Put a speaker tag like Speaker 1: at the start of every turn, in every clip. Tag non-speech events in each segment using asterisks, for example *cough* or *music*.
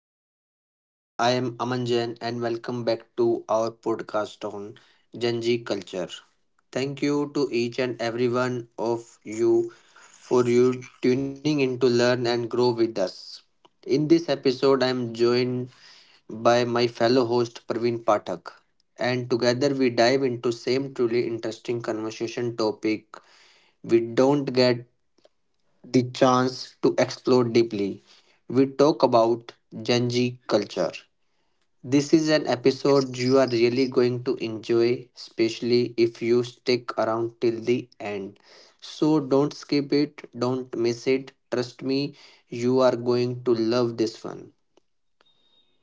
Speaker 1: Hello everyone, I am Aman Jain and welcome back to our podcast on Gen Z culture. Thank you to each and every one of you for you tuning in to learn and grow with us. In this episode, I am joined by my fellow host Praveen Pathak, and together we dive into same truly interesting conversation topic we don't get the chance to explore deeply. We talk about Gen Z culture. This is an episode you are really going to enjoy, especially if you stick around till the end. So don't skip it, don't miss it. Trust me, you are going to love this one.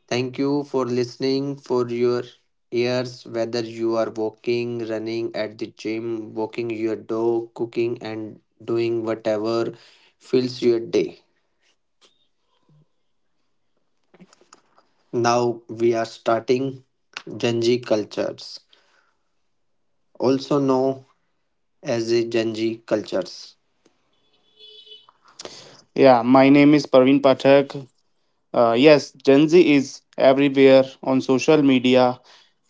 Speaker 1: Thank you for listening for your ears whether you are walking, running at the gym, walking your dog, cooking and doing whatever fills your day. Now we are starting Genji cultures, also known as the Genji cultures.
Speaker 2: Yeah, my name is Praveen Pathak. Yes, Gen Z is everywhere on social media,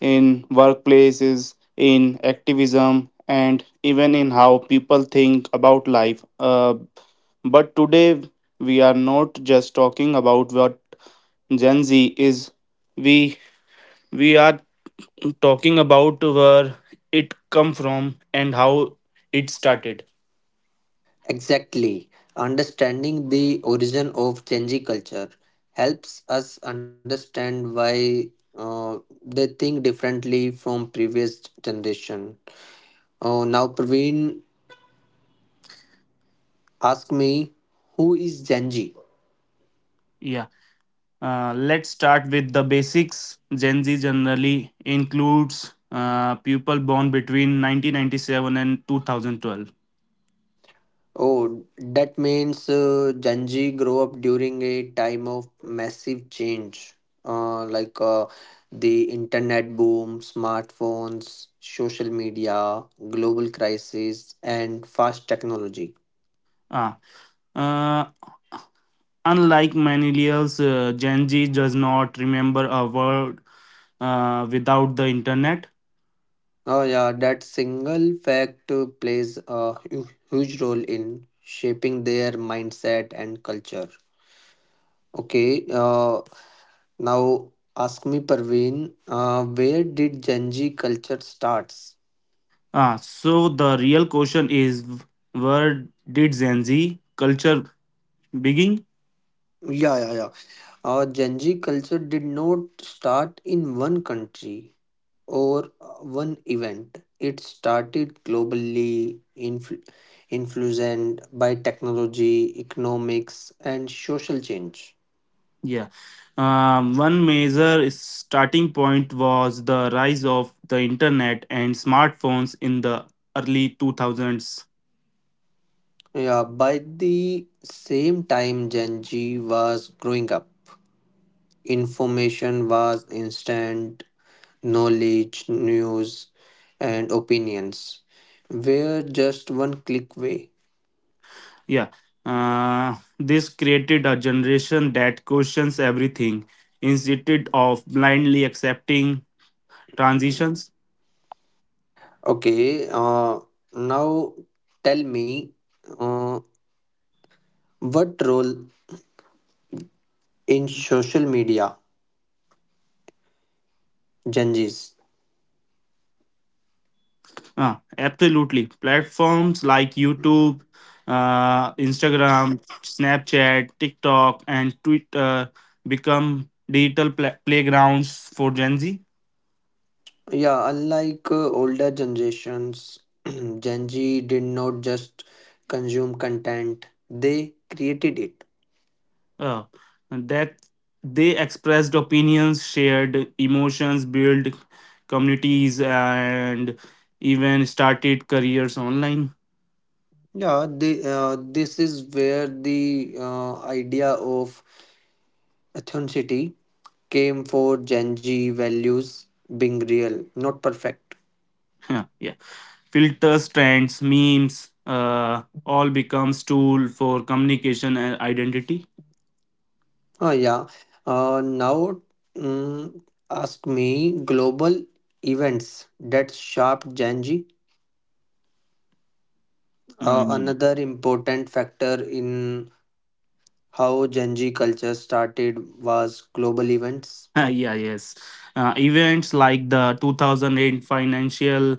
Speaker 2: in workplaces, in activism, and even in how people think about life. But today, we are not just talking about what Gen Z is. We we are talking about where it come from and how it started.
Speaker 1: Exactly. Understanding the origin of Genji culture helps us understand why uh, they think differently from previous generation. Now Praveen, ask me, who is Genji?
Speaker 2: Yeah. Let's start with the basics. Gen Z generally includes people born between 1997 and 2012.
Speaker 1: Oh, that means Gen Z grow up during a time of massive change, like the internet boom, smartphones, social media, global crisis, and fast technology.
Speaker 2: Ah, uh, Unlike millennials, Gen Z does not remember a word without the internet.
Speaker 1: Oh yeah, that single fact plays a huge role in shaping their mindset and culture. Okay, now ask me, Parveen, where did Gen Z culture starts?
Speaker 2: So the real question is, where did Gen Z culture begin?
Speaker 1: Yeah, yeah, yeah. Our Gen Z culture did not start in one country or one event. It started globally, influenced by technology, economics, and social change.
Speaker 2: Yeah. One major starting point was the rise of the internet and smartphones in the early 2000s.
Speaker 1: Yeah, by the same time Gen Z was growing up, information was instant, knowledge, news, and opinions were just one click away.
Speaker 2: Yeah. This created a generation that questions everything instead of blindly accepting transitions.
Speaker 1: Okay, now tell me uh, what role in social media Gen Z's?
Speaker 2: Ah, absolutely. Platforms like YouTube, Instagram, Snapchat, TikTok, and Twitter become digital playgrounds for Gen Z
Speaker 1: Yeah, unlike older generations, *clears throat* Gen Z did not just consume content, they created it.
Speaker 2: uh, that They expressed opinions, shared emotions, built communities, and even started careers online. *laughs*
Speaker 1: Yeah, they, this is where the idea of authenticity came for Gen Z values being real, not perfect.
Speaker 2: Yeah. Filters, trends, memes, all becomes tool for communication and identity.
Speaker 1: Oh, yeah. Now, mm, ask me global events. That's sharp Genji.
Speaker 2: Mm.
Speaker 1: Another important factor in how Genji culture started was global events.
Speaker 2: *laughs* Yeah, yes. Events like the 2008 financial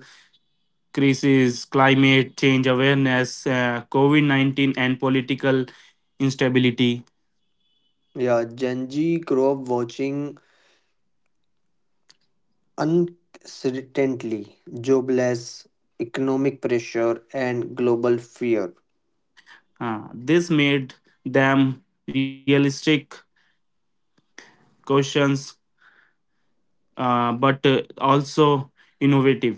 Speaker 2: crisis, climate change awareness, COVID 19, and political instability.
Speaker 1: Yeah, Genji grew up watching uncertainty, jobless, economic pressure, and global fear.
Speaker 2: This made them realistic questions, but also innovative.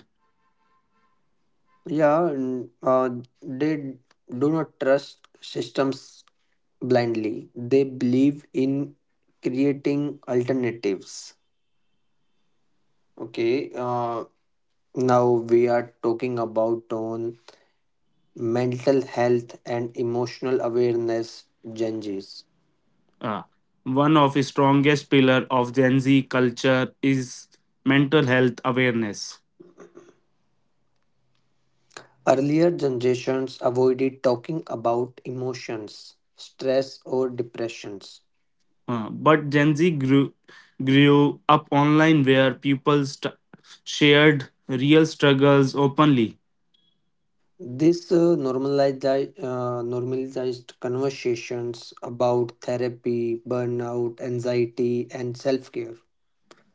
Speaker 1: Yeah, and, they do not trust systems blindly. They believe in creating alternatives. Okay, now we are talking about on mental health and emotional awareness Gen Zs.
Speaker 2: Uh, one of the strongest pillar of Gen Z culture is mental health awareness.
Speaker 1: Earlier generations avoided talking about emotions, stress, or depressions.
Speaker 2: But Gen Z grew up online where people shared real struggles openly.
Speaker 1: This normalized conversations about therapy, burnout, anxiety, and self care.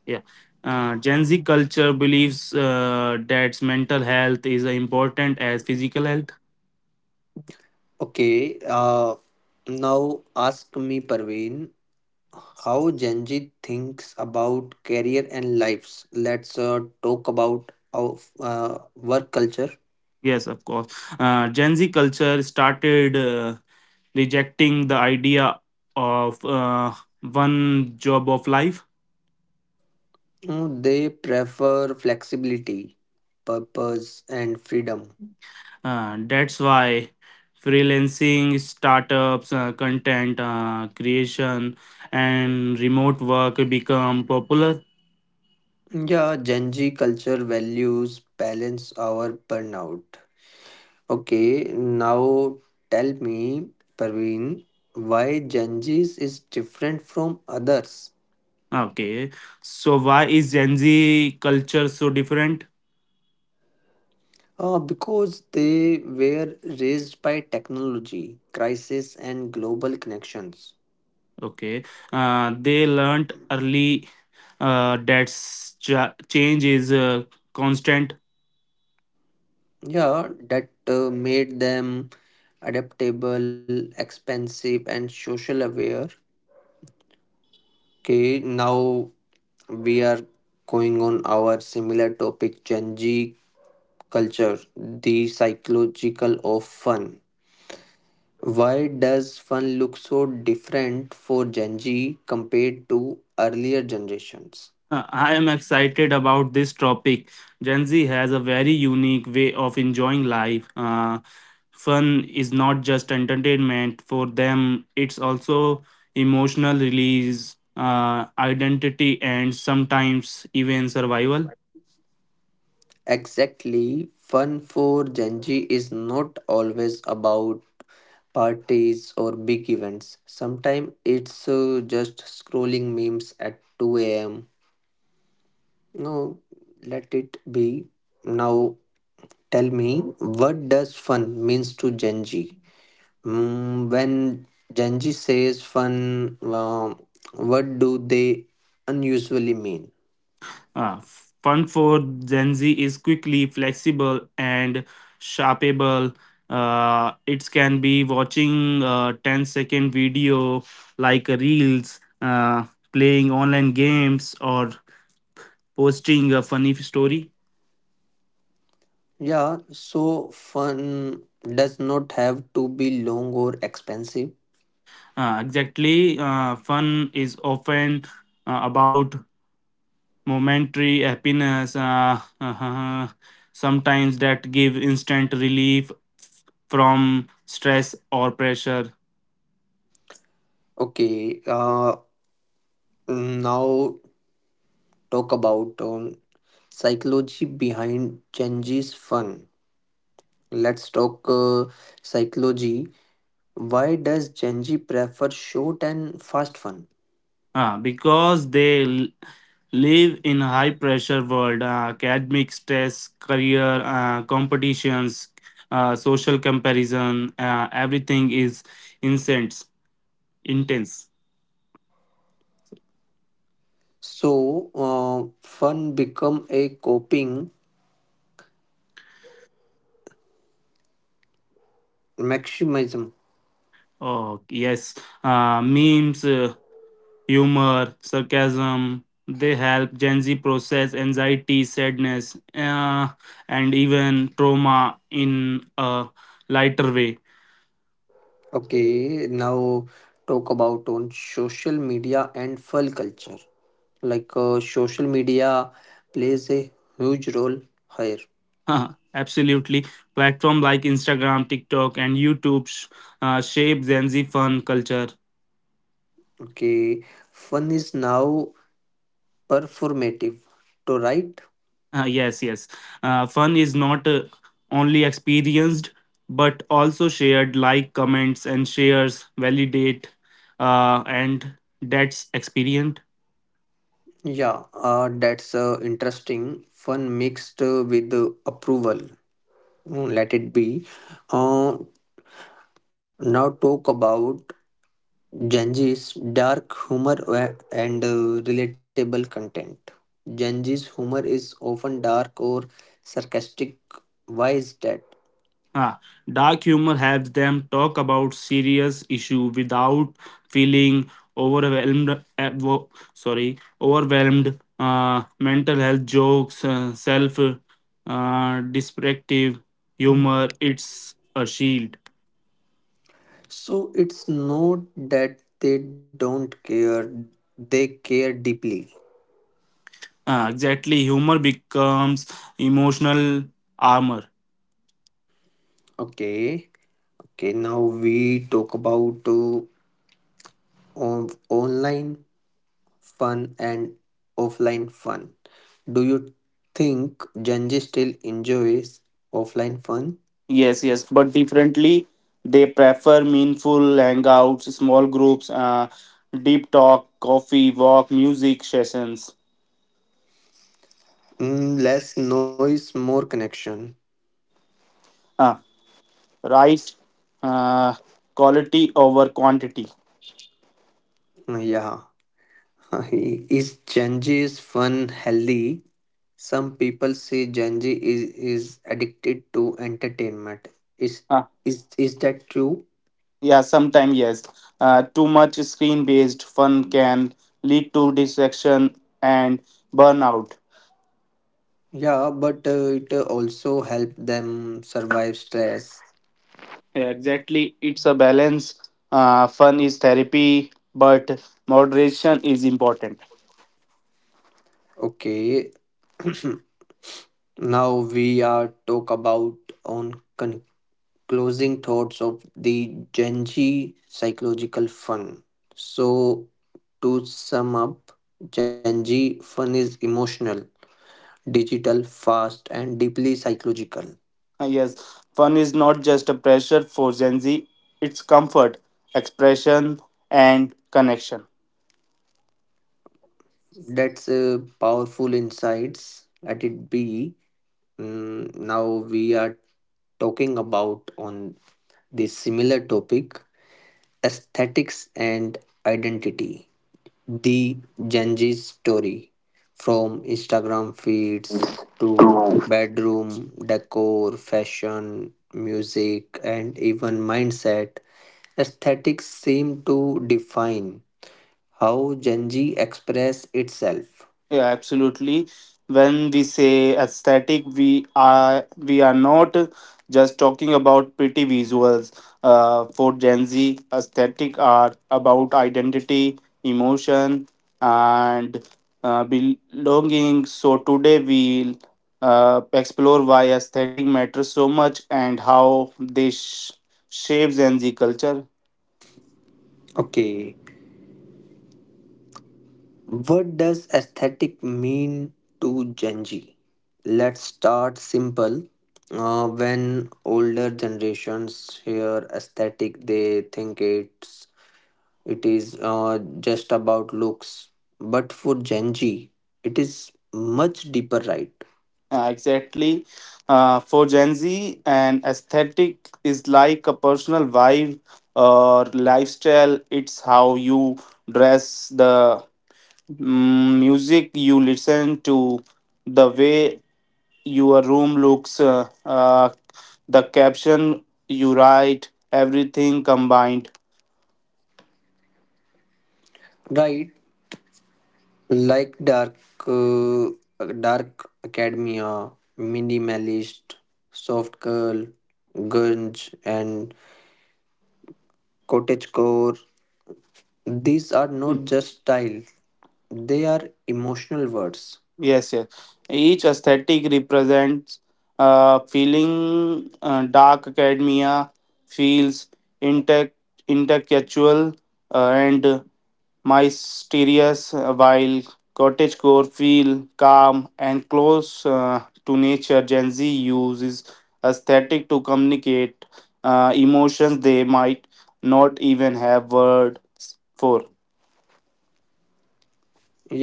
Speaker 2: Yeah. Gen Z culture believes that mental health is important as physical health.
Speaker 1: Okay, now ask me, Parveen, how Gen Z thinks about career and lives. Let's talk about of work culture.
Speaker 2: Yes, of course. Gen Z culture started rejecting the idea of one job of life.
Speaker 1: They prefer flexibility, purpose, and freedom.
Speaker 2: That's why freelancing, startups, content creation, and remote work become popular.
Speaker 1: Yeah, Gen Z culture values balance over burnout. Okay, now tell me, Parveen, why Gen Z is different from others?
Speaker 2: Okay, so why is Gen Z culture so different?
Speaker 1: Because they were raised by technology, crisis, and global connections.
Speaker 2: Okay, they learned early that change is constant.
Speaker 1: Yeah, that made them adaptable, expensive, and social aware. Okay, now we are going on our similar topic Gen Z culture, the psychological of fun. Why does fun look so different for Gen Z compared to earlier generations?
Speaker 2: I am excited about this topic. Gen Z has a very unique way of enjoying life. Fun is not just entertainment for them, it's also emotional release, identity, and sometimes even survival.
Speaker 1: Exactly, fun for Gen Z is not always about parties or big events. Sometimes it's just scrolling memes at 2 a.m. No, let it be. Now tell me, what does fun means to Gen Z? When Gen Z says fun, what do they unusually mean?
Speaker 2: Uh, fun for Gen Z is quickly flexible and shoppable. It can be watching a 10-second video like reels, playing online games, or posting a funny story.
Speaker 1: Yeah, so fun does not have to be long or expensive.
Speaker 2: Exactly. Fun is often about momentary happiness, *laughs* sometimes that give instant relief from stress or pressure.
Speaker 1: Okay, now talk about psychology behind Genji's fun. Let's talk psychology. Why does Genji prefer short and fast fun?
Speaker 2: Because they live in high pressure world, academic stress, career competitions, social comparison, everything is intense intense.
Speaker 1: So, fun become a coping mechanism.
Speaker 2: Oh yes, memes, humor, sarcasm, they help Gen Z process anxiety, sadness, and even trauma in a lighter way.
Speaker 1: Okay, now talk about on social media and fun culture. Like social media plays a huge role here.
Speaker 2: *laughs* Absolutely. Platform like Instagram, TikTok, and YouTube shape Gen Z fun culture.
Speaker 1: Okay, fun is now performative, to write.
Speaker 2: Yes, yes. Fun is not only experienced but also shared. Like, comments and shares validate, and that's experience.
Speaker 1: Yeah, that's interesting. Fun mixed with approval. Let it be. Uh, Now talk about Genji's dark humor and relatable content. Genji's humor is often dark or sarcastic. Why is that?
Speaker 2: Ah, dark humor helps them talk about serious issue without feeling overwhelmed. Sorry, overwhelmed. Mental health jokes, self, descriptive humor. It's a shield.
Speaker 1: So it's not that they don't care, they care deeply.
Speaker 2: Ah, exactly, humor becomes emotional armor.
Speaker 1: Okay. Okay. Now we talk about online fun and offline fun. Do you think Gen Z still enjoys offline fun?
Speaker 2: Yes, yes, but differently. They prefer meaningful hangouts, small groups, deep talk, coffee, walk, music sessions.
Speaker 1: Mm, less noise, more connection.
Speaker 2: uh, right, uh, quality over quantity
Speaker 1: Yeah. *laughs* Is Gen Z is fun healthy? Some people say Gen Z is addicted to entertainment. Is
Speaker 2: uh,
Speaker 1: is that true?
Speaker 2: yeah, sometimes yes. Too much screen based fun can lead to distraction and burnout.
Speaker 1: Yeah, but it also help them survive stress.
Speaker 2: Yeah, exactly, it's a balance. Fun is therapy but moderation is important.
Speaker 1: Okay. *clears throat* Now we are talk about on con- closing thoughts of the Gen Z psychological fun. So to sum up, Gen Z fun is emotional, digital, fast, and deeply psychological.
Speaker 2: Yes, fun is not just a pressure for Gen Z, it's comfort, expression, and connection.
Speaker 1: That's powerful insights. Let it be. Now we are talking about on the similar topic aesthetics and identity. The Genji's story from Instagram feeds to bedroom decor, fashion, music, and even mindset. Aesthetics seem to define how Genji express itself.
Speaker 2: Yeah, absolutely. When we say aesthetic, we are not just talking about pretty visuals. For Gen Z, aesthetic are about identity, emotion, and belonging. So today we'll explore why aesthetic matters so much and how they shapes Gen Z culture.
Speaker 1: Okay, what does aesthetic mean to Gen Z? Let's start simple. When older generations hear aesthetic, they think it is just about looks. But for Gen Z, it is much deeper, right?
Speaker 2: Exactly. For Gen Z, an aesthetic is like a personal vibe or lifestyle. It's how you dress, the music you listen to, the way your room looks, the caption you write, everything combined.
Speaker 1: Right, like uh, dark academia, minimalist, soft girl, grunge, and cottagecore, these are not just style, they are emotional words.
Speaker 2: Yes, yes. Each aesthetic represents a feeling. Dark academia feels intact, intellectual, and mysterious, while cottagecore feel calm and close to nature. Gen Z uses aesthetic to communicate emotions they might not even have words for.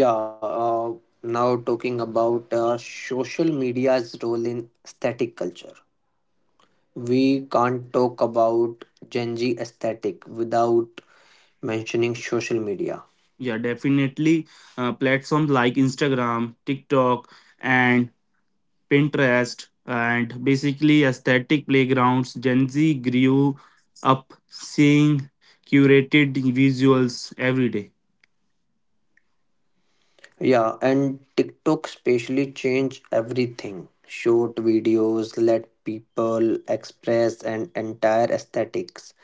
Speaker 1: Yeah, uh, now talking about social media's role in aesthetic culture. We can't talk about Gen Z aesthetic without mentioning social media.
Speaker 2: Yeah, definitely. Platforms like Instagram, TikTok, and Pinterest, and basically aesthetic playgrounds. Gen Z grew up seeing curated visuals every day.
Speaker 1: Yeah, and TikTok especially changed everything. Short videos let people express an entire aesthetics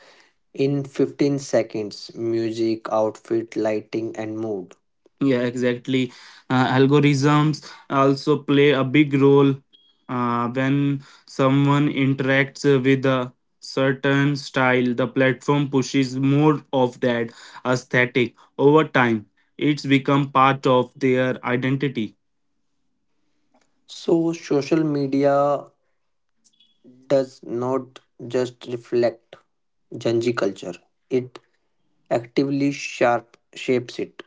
Speaker 1: in 15 seconds, music, outfit, lighting, and mood.
Speaker 2: Yeah, exactly. Algorithms also play a big role. When someone interacts with a certain style, the platform pushes more of that aesthetic over time. It's become part of their identity.
Speaker 1: So, social media does not just reflect Gen Z culture, it actively sharp shapes it.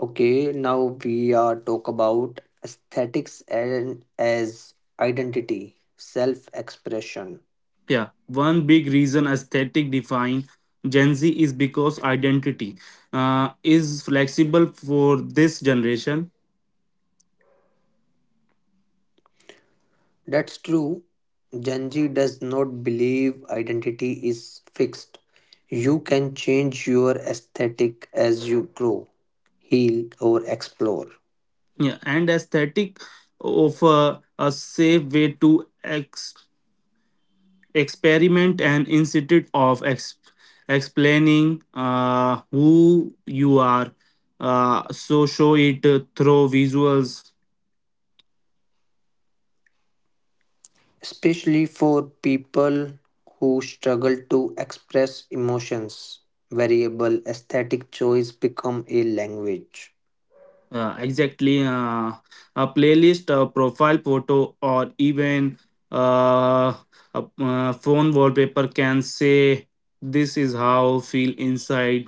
Speaker 1: Okay, now we are talk about aesthetics and as identity, self expression.
Speaker 2: Yeah, one big reason aesthetic define Gen Z is because identity is flexible for this generation.
Speaker 1: That's true. Gen Z does not believe identity is fixed. You can change your aesthetic as you grow, heal, or explore.
Speaker 2: Yeah, and aesthetic offer a safe way to experiment, and instead of explaining who you are, show it through visuals.
Speaker 1: Especially for people who struggle to express emotions, variable aesthetic choice become a language.
Speaker 2: Exactly, a playlist, a profile photo, or even uh, a phone wallpaper can say, "This is how I feel inside."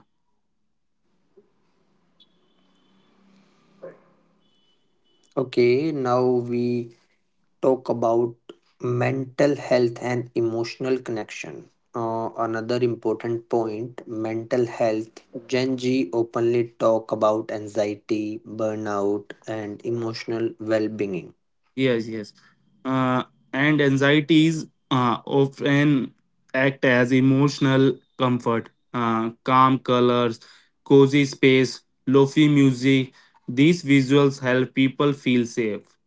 Speaker 1: Okay, now we talk about mental health and emotional connection. Another important point, mental health. Gen Z openly talk about anxiety, burnout, and emotional well being.
Speaker 2: Yes, yes. Uh, and anxieties often act as emotional comfort. Calm colors, cozy space, lofi music. These visuals help people feel safe.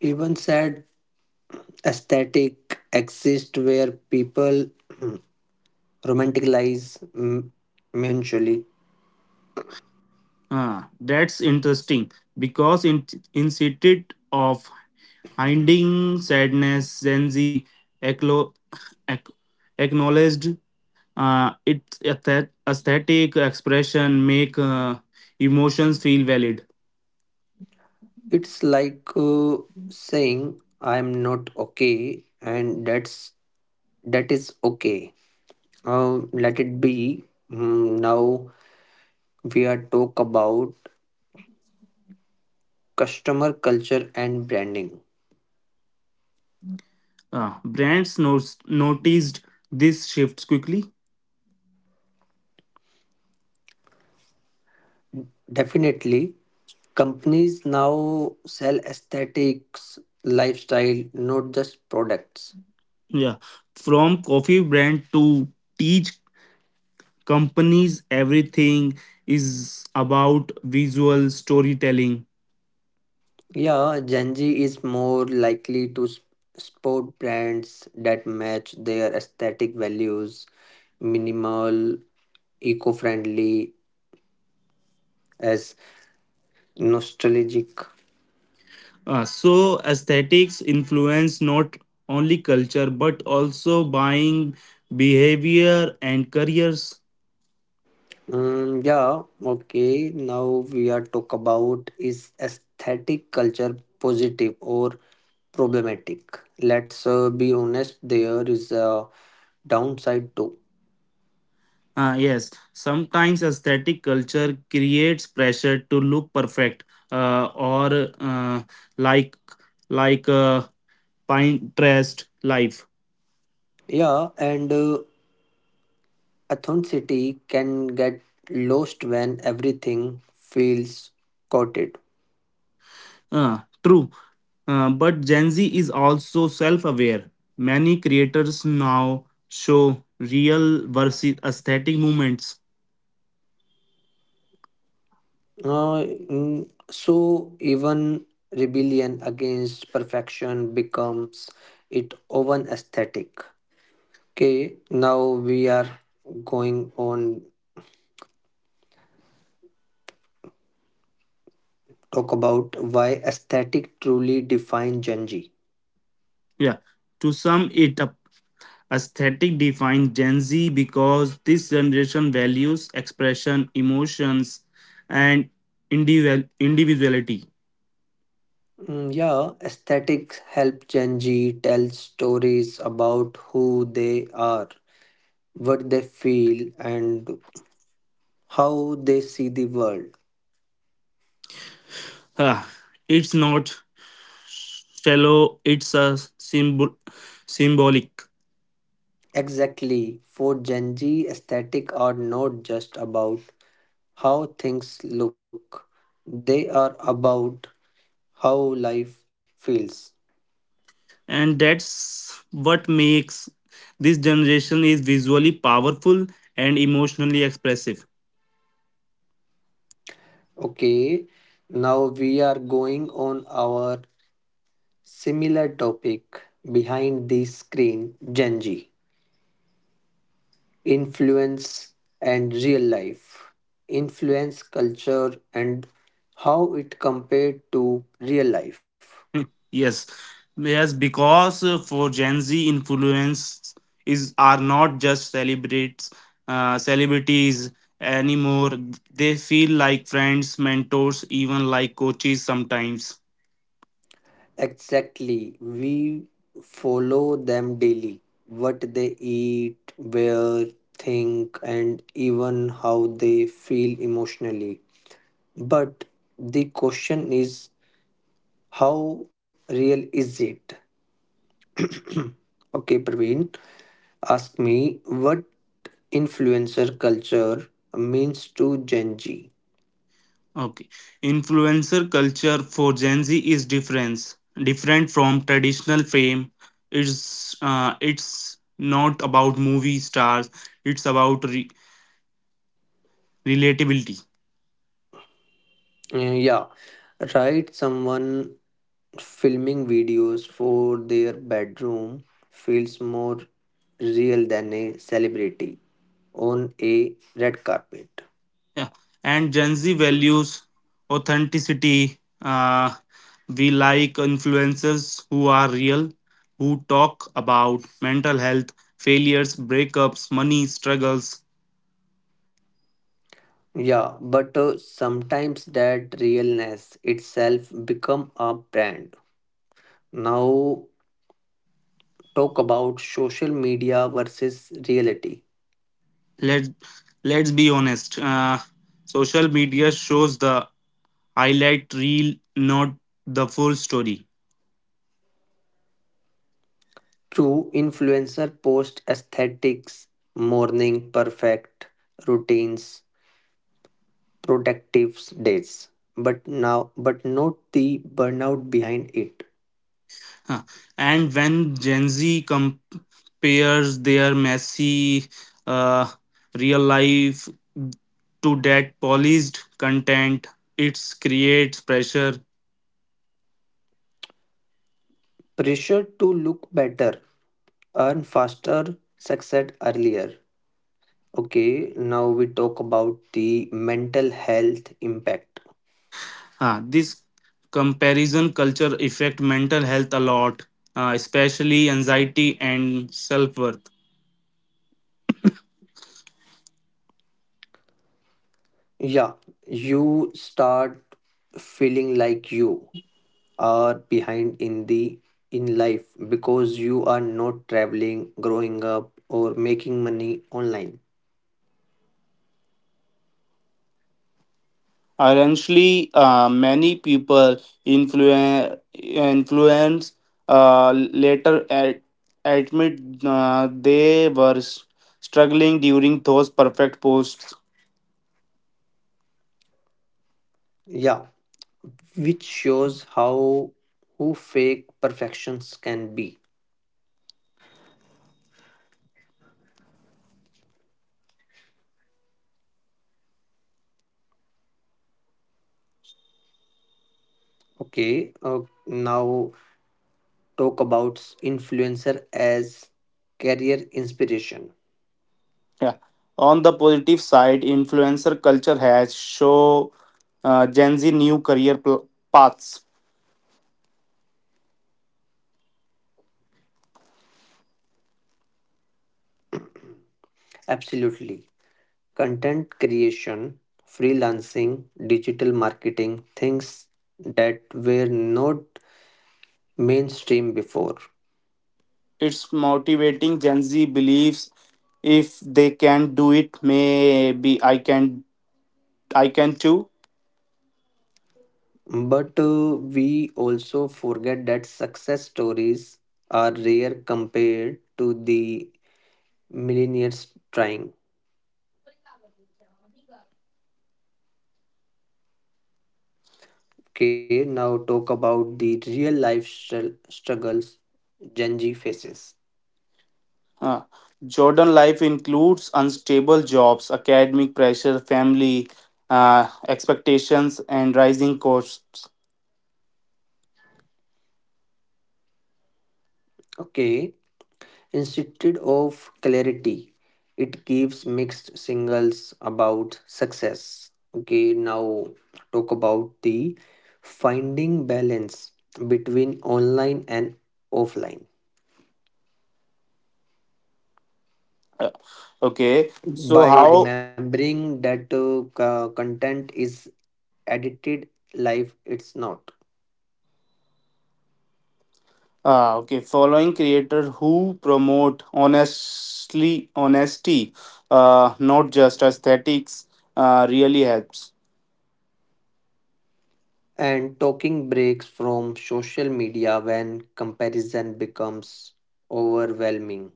Speaker 1: Even said aesthetic exist where people *clears throat* romanticize mentally.
Speaker 2: Ah, that's interesting because instead of hiding sadness, Gen Z aclo- ac- acknowledged its aesthetic expression make emotions feel valid.
Speaker 1: It's like saying I'm not okay, and that is okay. Let it be. Now we are talk about customer culture and branding.
Speaker 2: Brands noticed this shifts quickly.
Speaker 1: Definitely, companies now sell aesthetics, lifestyle, not just products.
Speaker 2: Yeah, from coffee brand to teach companies, everything is about visual storytelling.
Speaker 1: Yeah, Gen Z is more likely to sport brands that match their aesthetic values, minimal, eco-friendly, as nostalgic.
Speaker 2: So aesthetics influence not only culture but also buying behavior and careers.
Speaker 1: Yeah, okay. Now we are talk about is aesthetic culture positive or problematic? Let's be honest, there is a downside too.
Speaker 2: Ah, yes, sometimes aesthetic culture creates pressure to look perfect or like like Pinterest life.
Speaker 1: Yeah, and authenticity can get lost when everything feels coated.
Speaker 2: Uh, true, but Gen Z is also self aware. Many creators now show real versus aesthetic movements.
Speaker 1: So even rebellion against perfection becomes it own aesthetic. Okay, now we are going on talk about why aesthetic truly define Gen Z.
Speaker 2: Yeah, to sum it up, aesthetic defines Gen Z because this generation values expression, emotions, and individuality.
Speaker 1: Mm, yeah, aesthetics help Gen Z tell stories about who they are, what they feel, and how they see the world.
Speaker 2: Huh, it's not shallow, it's a symbol symbolic.
Speaker 1: Exactly, for Gen Z, aesthetic are not just about how things look; they are about how life feels.
Speaker 2: And that's what makes this generation is visually powerful and emotionally expressive.
Speaker 1: Okay, now we are going on our similar topic behind the screen Gen Z influence and real life, influence culture and how it compared to real life.
Speaker 2: *laughs* Yes, yes, because for Gen Z, influence is are not just celebrates celebrities anymore. They feel like friends, mentors, even like coaches sometimes.
Speaker 1: Exactly, we follow them daily, what they eat, where, think, and even how they feel emotionally. But the question is, how real is it? Okay, Praveen, ask me what influencer culture means to Gen Z.
Speaker 2: Okay. Influencer culture for Gen Z is different, different from traditional fame. It's not about movie stars. It's about relatability.
Speaker 1: Yeah, right. Someone filming videos for their bedroom feels more real than a celebrity on a red carpet.
Speaker 2: Yeah. And Gen Z values authenticity. We like influencers who are real, who talk about mental health, failures, breakups, money struggles.
Speaker 1: Yeah, but sometimes that realness itself become a brand. Now talk about social media versus reality.
Speaker 2: Let Let's be honest. Social media shows the highlight reel, not the full story.
Speaker 1: True influencer post aesthetics, morning perfect routines, productive days. But now but not the burnout behind it.
Speaker 2: Huh. And when Gen Z compares their messy uh, real life to that polished content, it creates pressure.
Speaker 1: Pressure to look better, earn faster, succeed earlier. Okay, now we talk about the mental health impact.
Speaker 2: Huh. This comparison culture affect mental health a lot, especially anxiety and self worth.
Speaker 1: Yeah, you start feeling like you are behind in life because you are not traveling, growing up, or making money online.
Speaker 2: Ironically, many people influence later admit they were struggling during those perfect posts.
Speaker 1: Yeah, which shows how who fake perfections can be. Okay, now talk about influencer as career inspiration.
Speaker 2: Yeah. On the positive side, influencer culture has show Gen Z new career paths.
Speaker 1: Absolutely. Content creation, freelancing, digital marketing, things that were not mainstream before.
Speaker 2: It's motivating, Gen Z believes if they can do it, maybe I can. I can too.
Speaker 1: But we also forget that success stories are rare compared to the millionaires trying. Okay, now talk about the real life struggles Gen Z faces.
Speaker 2: Uh, Jordan life includes unstable jobs, academic pressure, family expectations, and rising costs.
Speaker 1: Okay, instead of clarity, it gives mixed signals about success. Okay, now talk about the finding balance between online and offline
Speaker 2: Uh, okay, so
Speaker 1: by
Speaker 2: how?
Speaker 1: remembering that content is edited live, it's not.
Speaker 2: Okay, following creator who promote honestly honesty, not just aesthetics, really helps.
Speaker 1: And taking breaks from social media when comparison becomes overwhelming.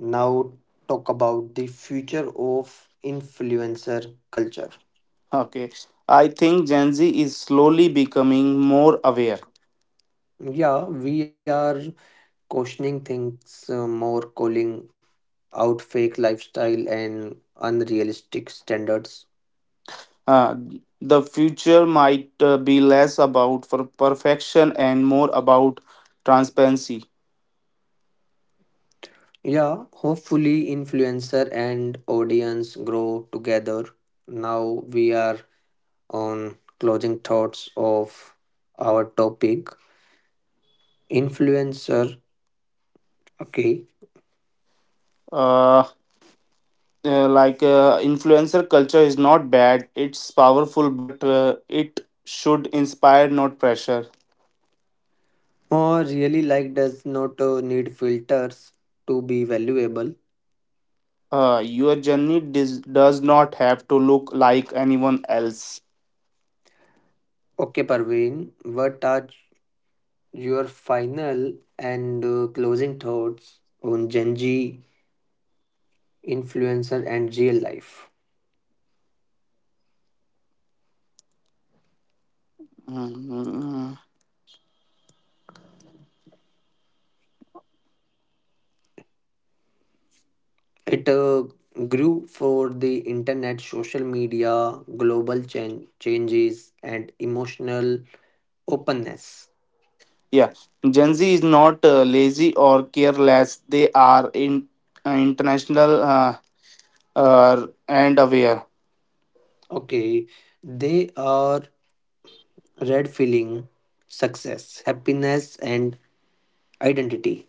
Speaker 1: Now talk about the future of influencer culture.
Speaker 2: Okay, I think Gen Z is slowly becoming more aware.
Speaker 1: Yeah, we are questioning things more, calling out fake lifestyle and unrealistic standards.
Speaker 2: Uh, the future might be less about for perfection and more about transparency.
Speaker 1: Yeah, hopefully influencer and audience grow together. Now we are on closing thoughts of our topic. Influencer, okay.
Speaker 2: Uh, Influencer culture is not bad; it's powerful, but it should inspire, not pressure.
Speaker 1: Or really like does not need filters to be valuable.
Speaker 2: Your journey does not have to look like anyone else.
Speaker 1: Okay, Parveen, what are your final and closing thoughts on Gen Z influencer and real life?
Speaker 2: Mm,
Speaker 1: It grew for the internet, social media, global changes, and emotional openness.
Speaker 2: yeah, Gen Z is not lazy or careless. They are in international and aware.
Speaker 1: Okay, they are red feeling, success, happiness, and identity.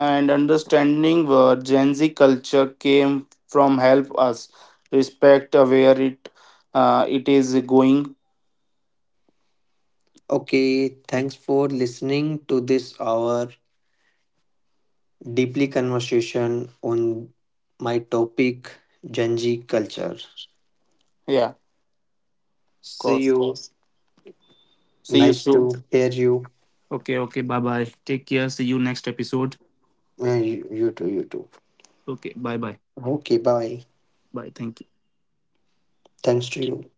Speaker 2: And understanding where Gen Z culture came from help us respect where it is going.
Speaker 1: Okay, thanks for listening to this our deeply conversation on my topic Gen Z culture.
Speaker 2: Yeah, of
Speaker 1: See
Speaker 2: course.
Speaker 1: you.
Speaker 2: See you
Speaker 1: Nice
Speaker 2: soon.
Speaker 1: to hear you.
Speaker 2: Okay, okay. Bye bye. Take care. See you next episode.
Speaker 1: You too. You too.
Speaker 2: Okay, bye bye.
Speaker 1: Okay. Bye.
Speaker 2: Bye. Thank you.
Speaker 1: Thanks to you.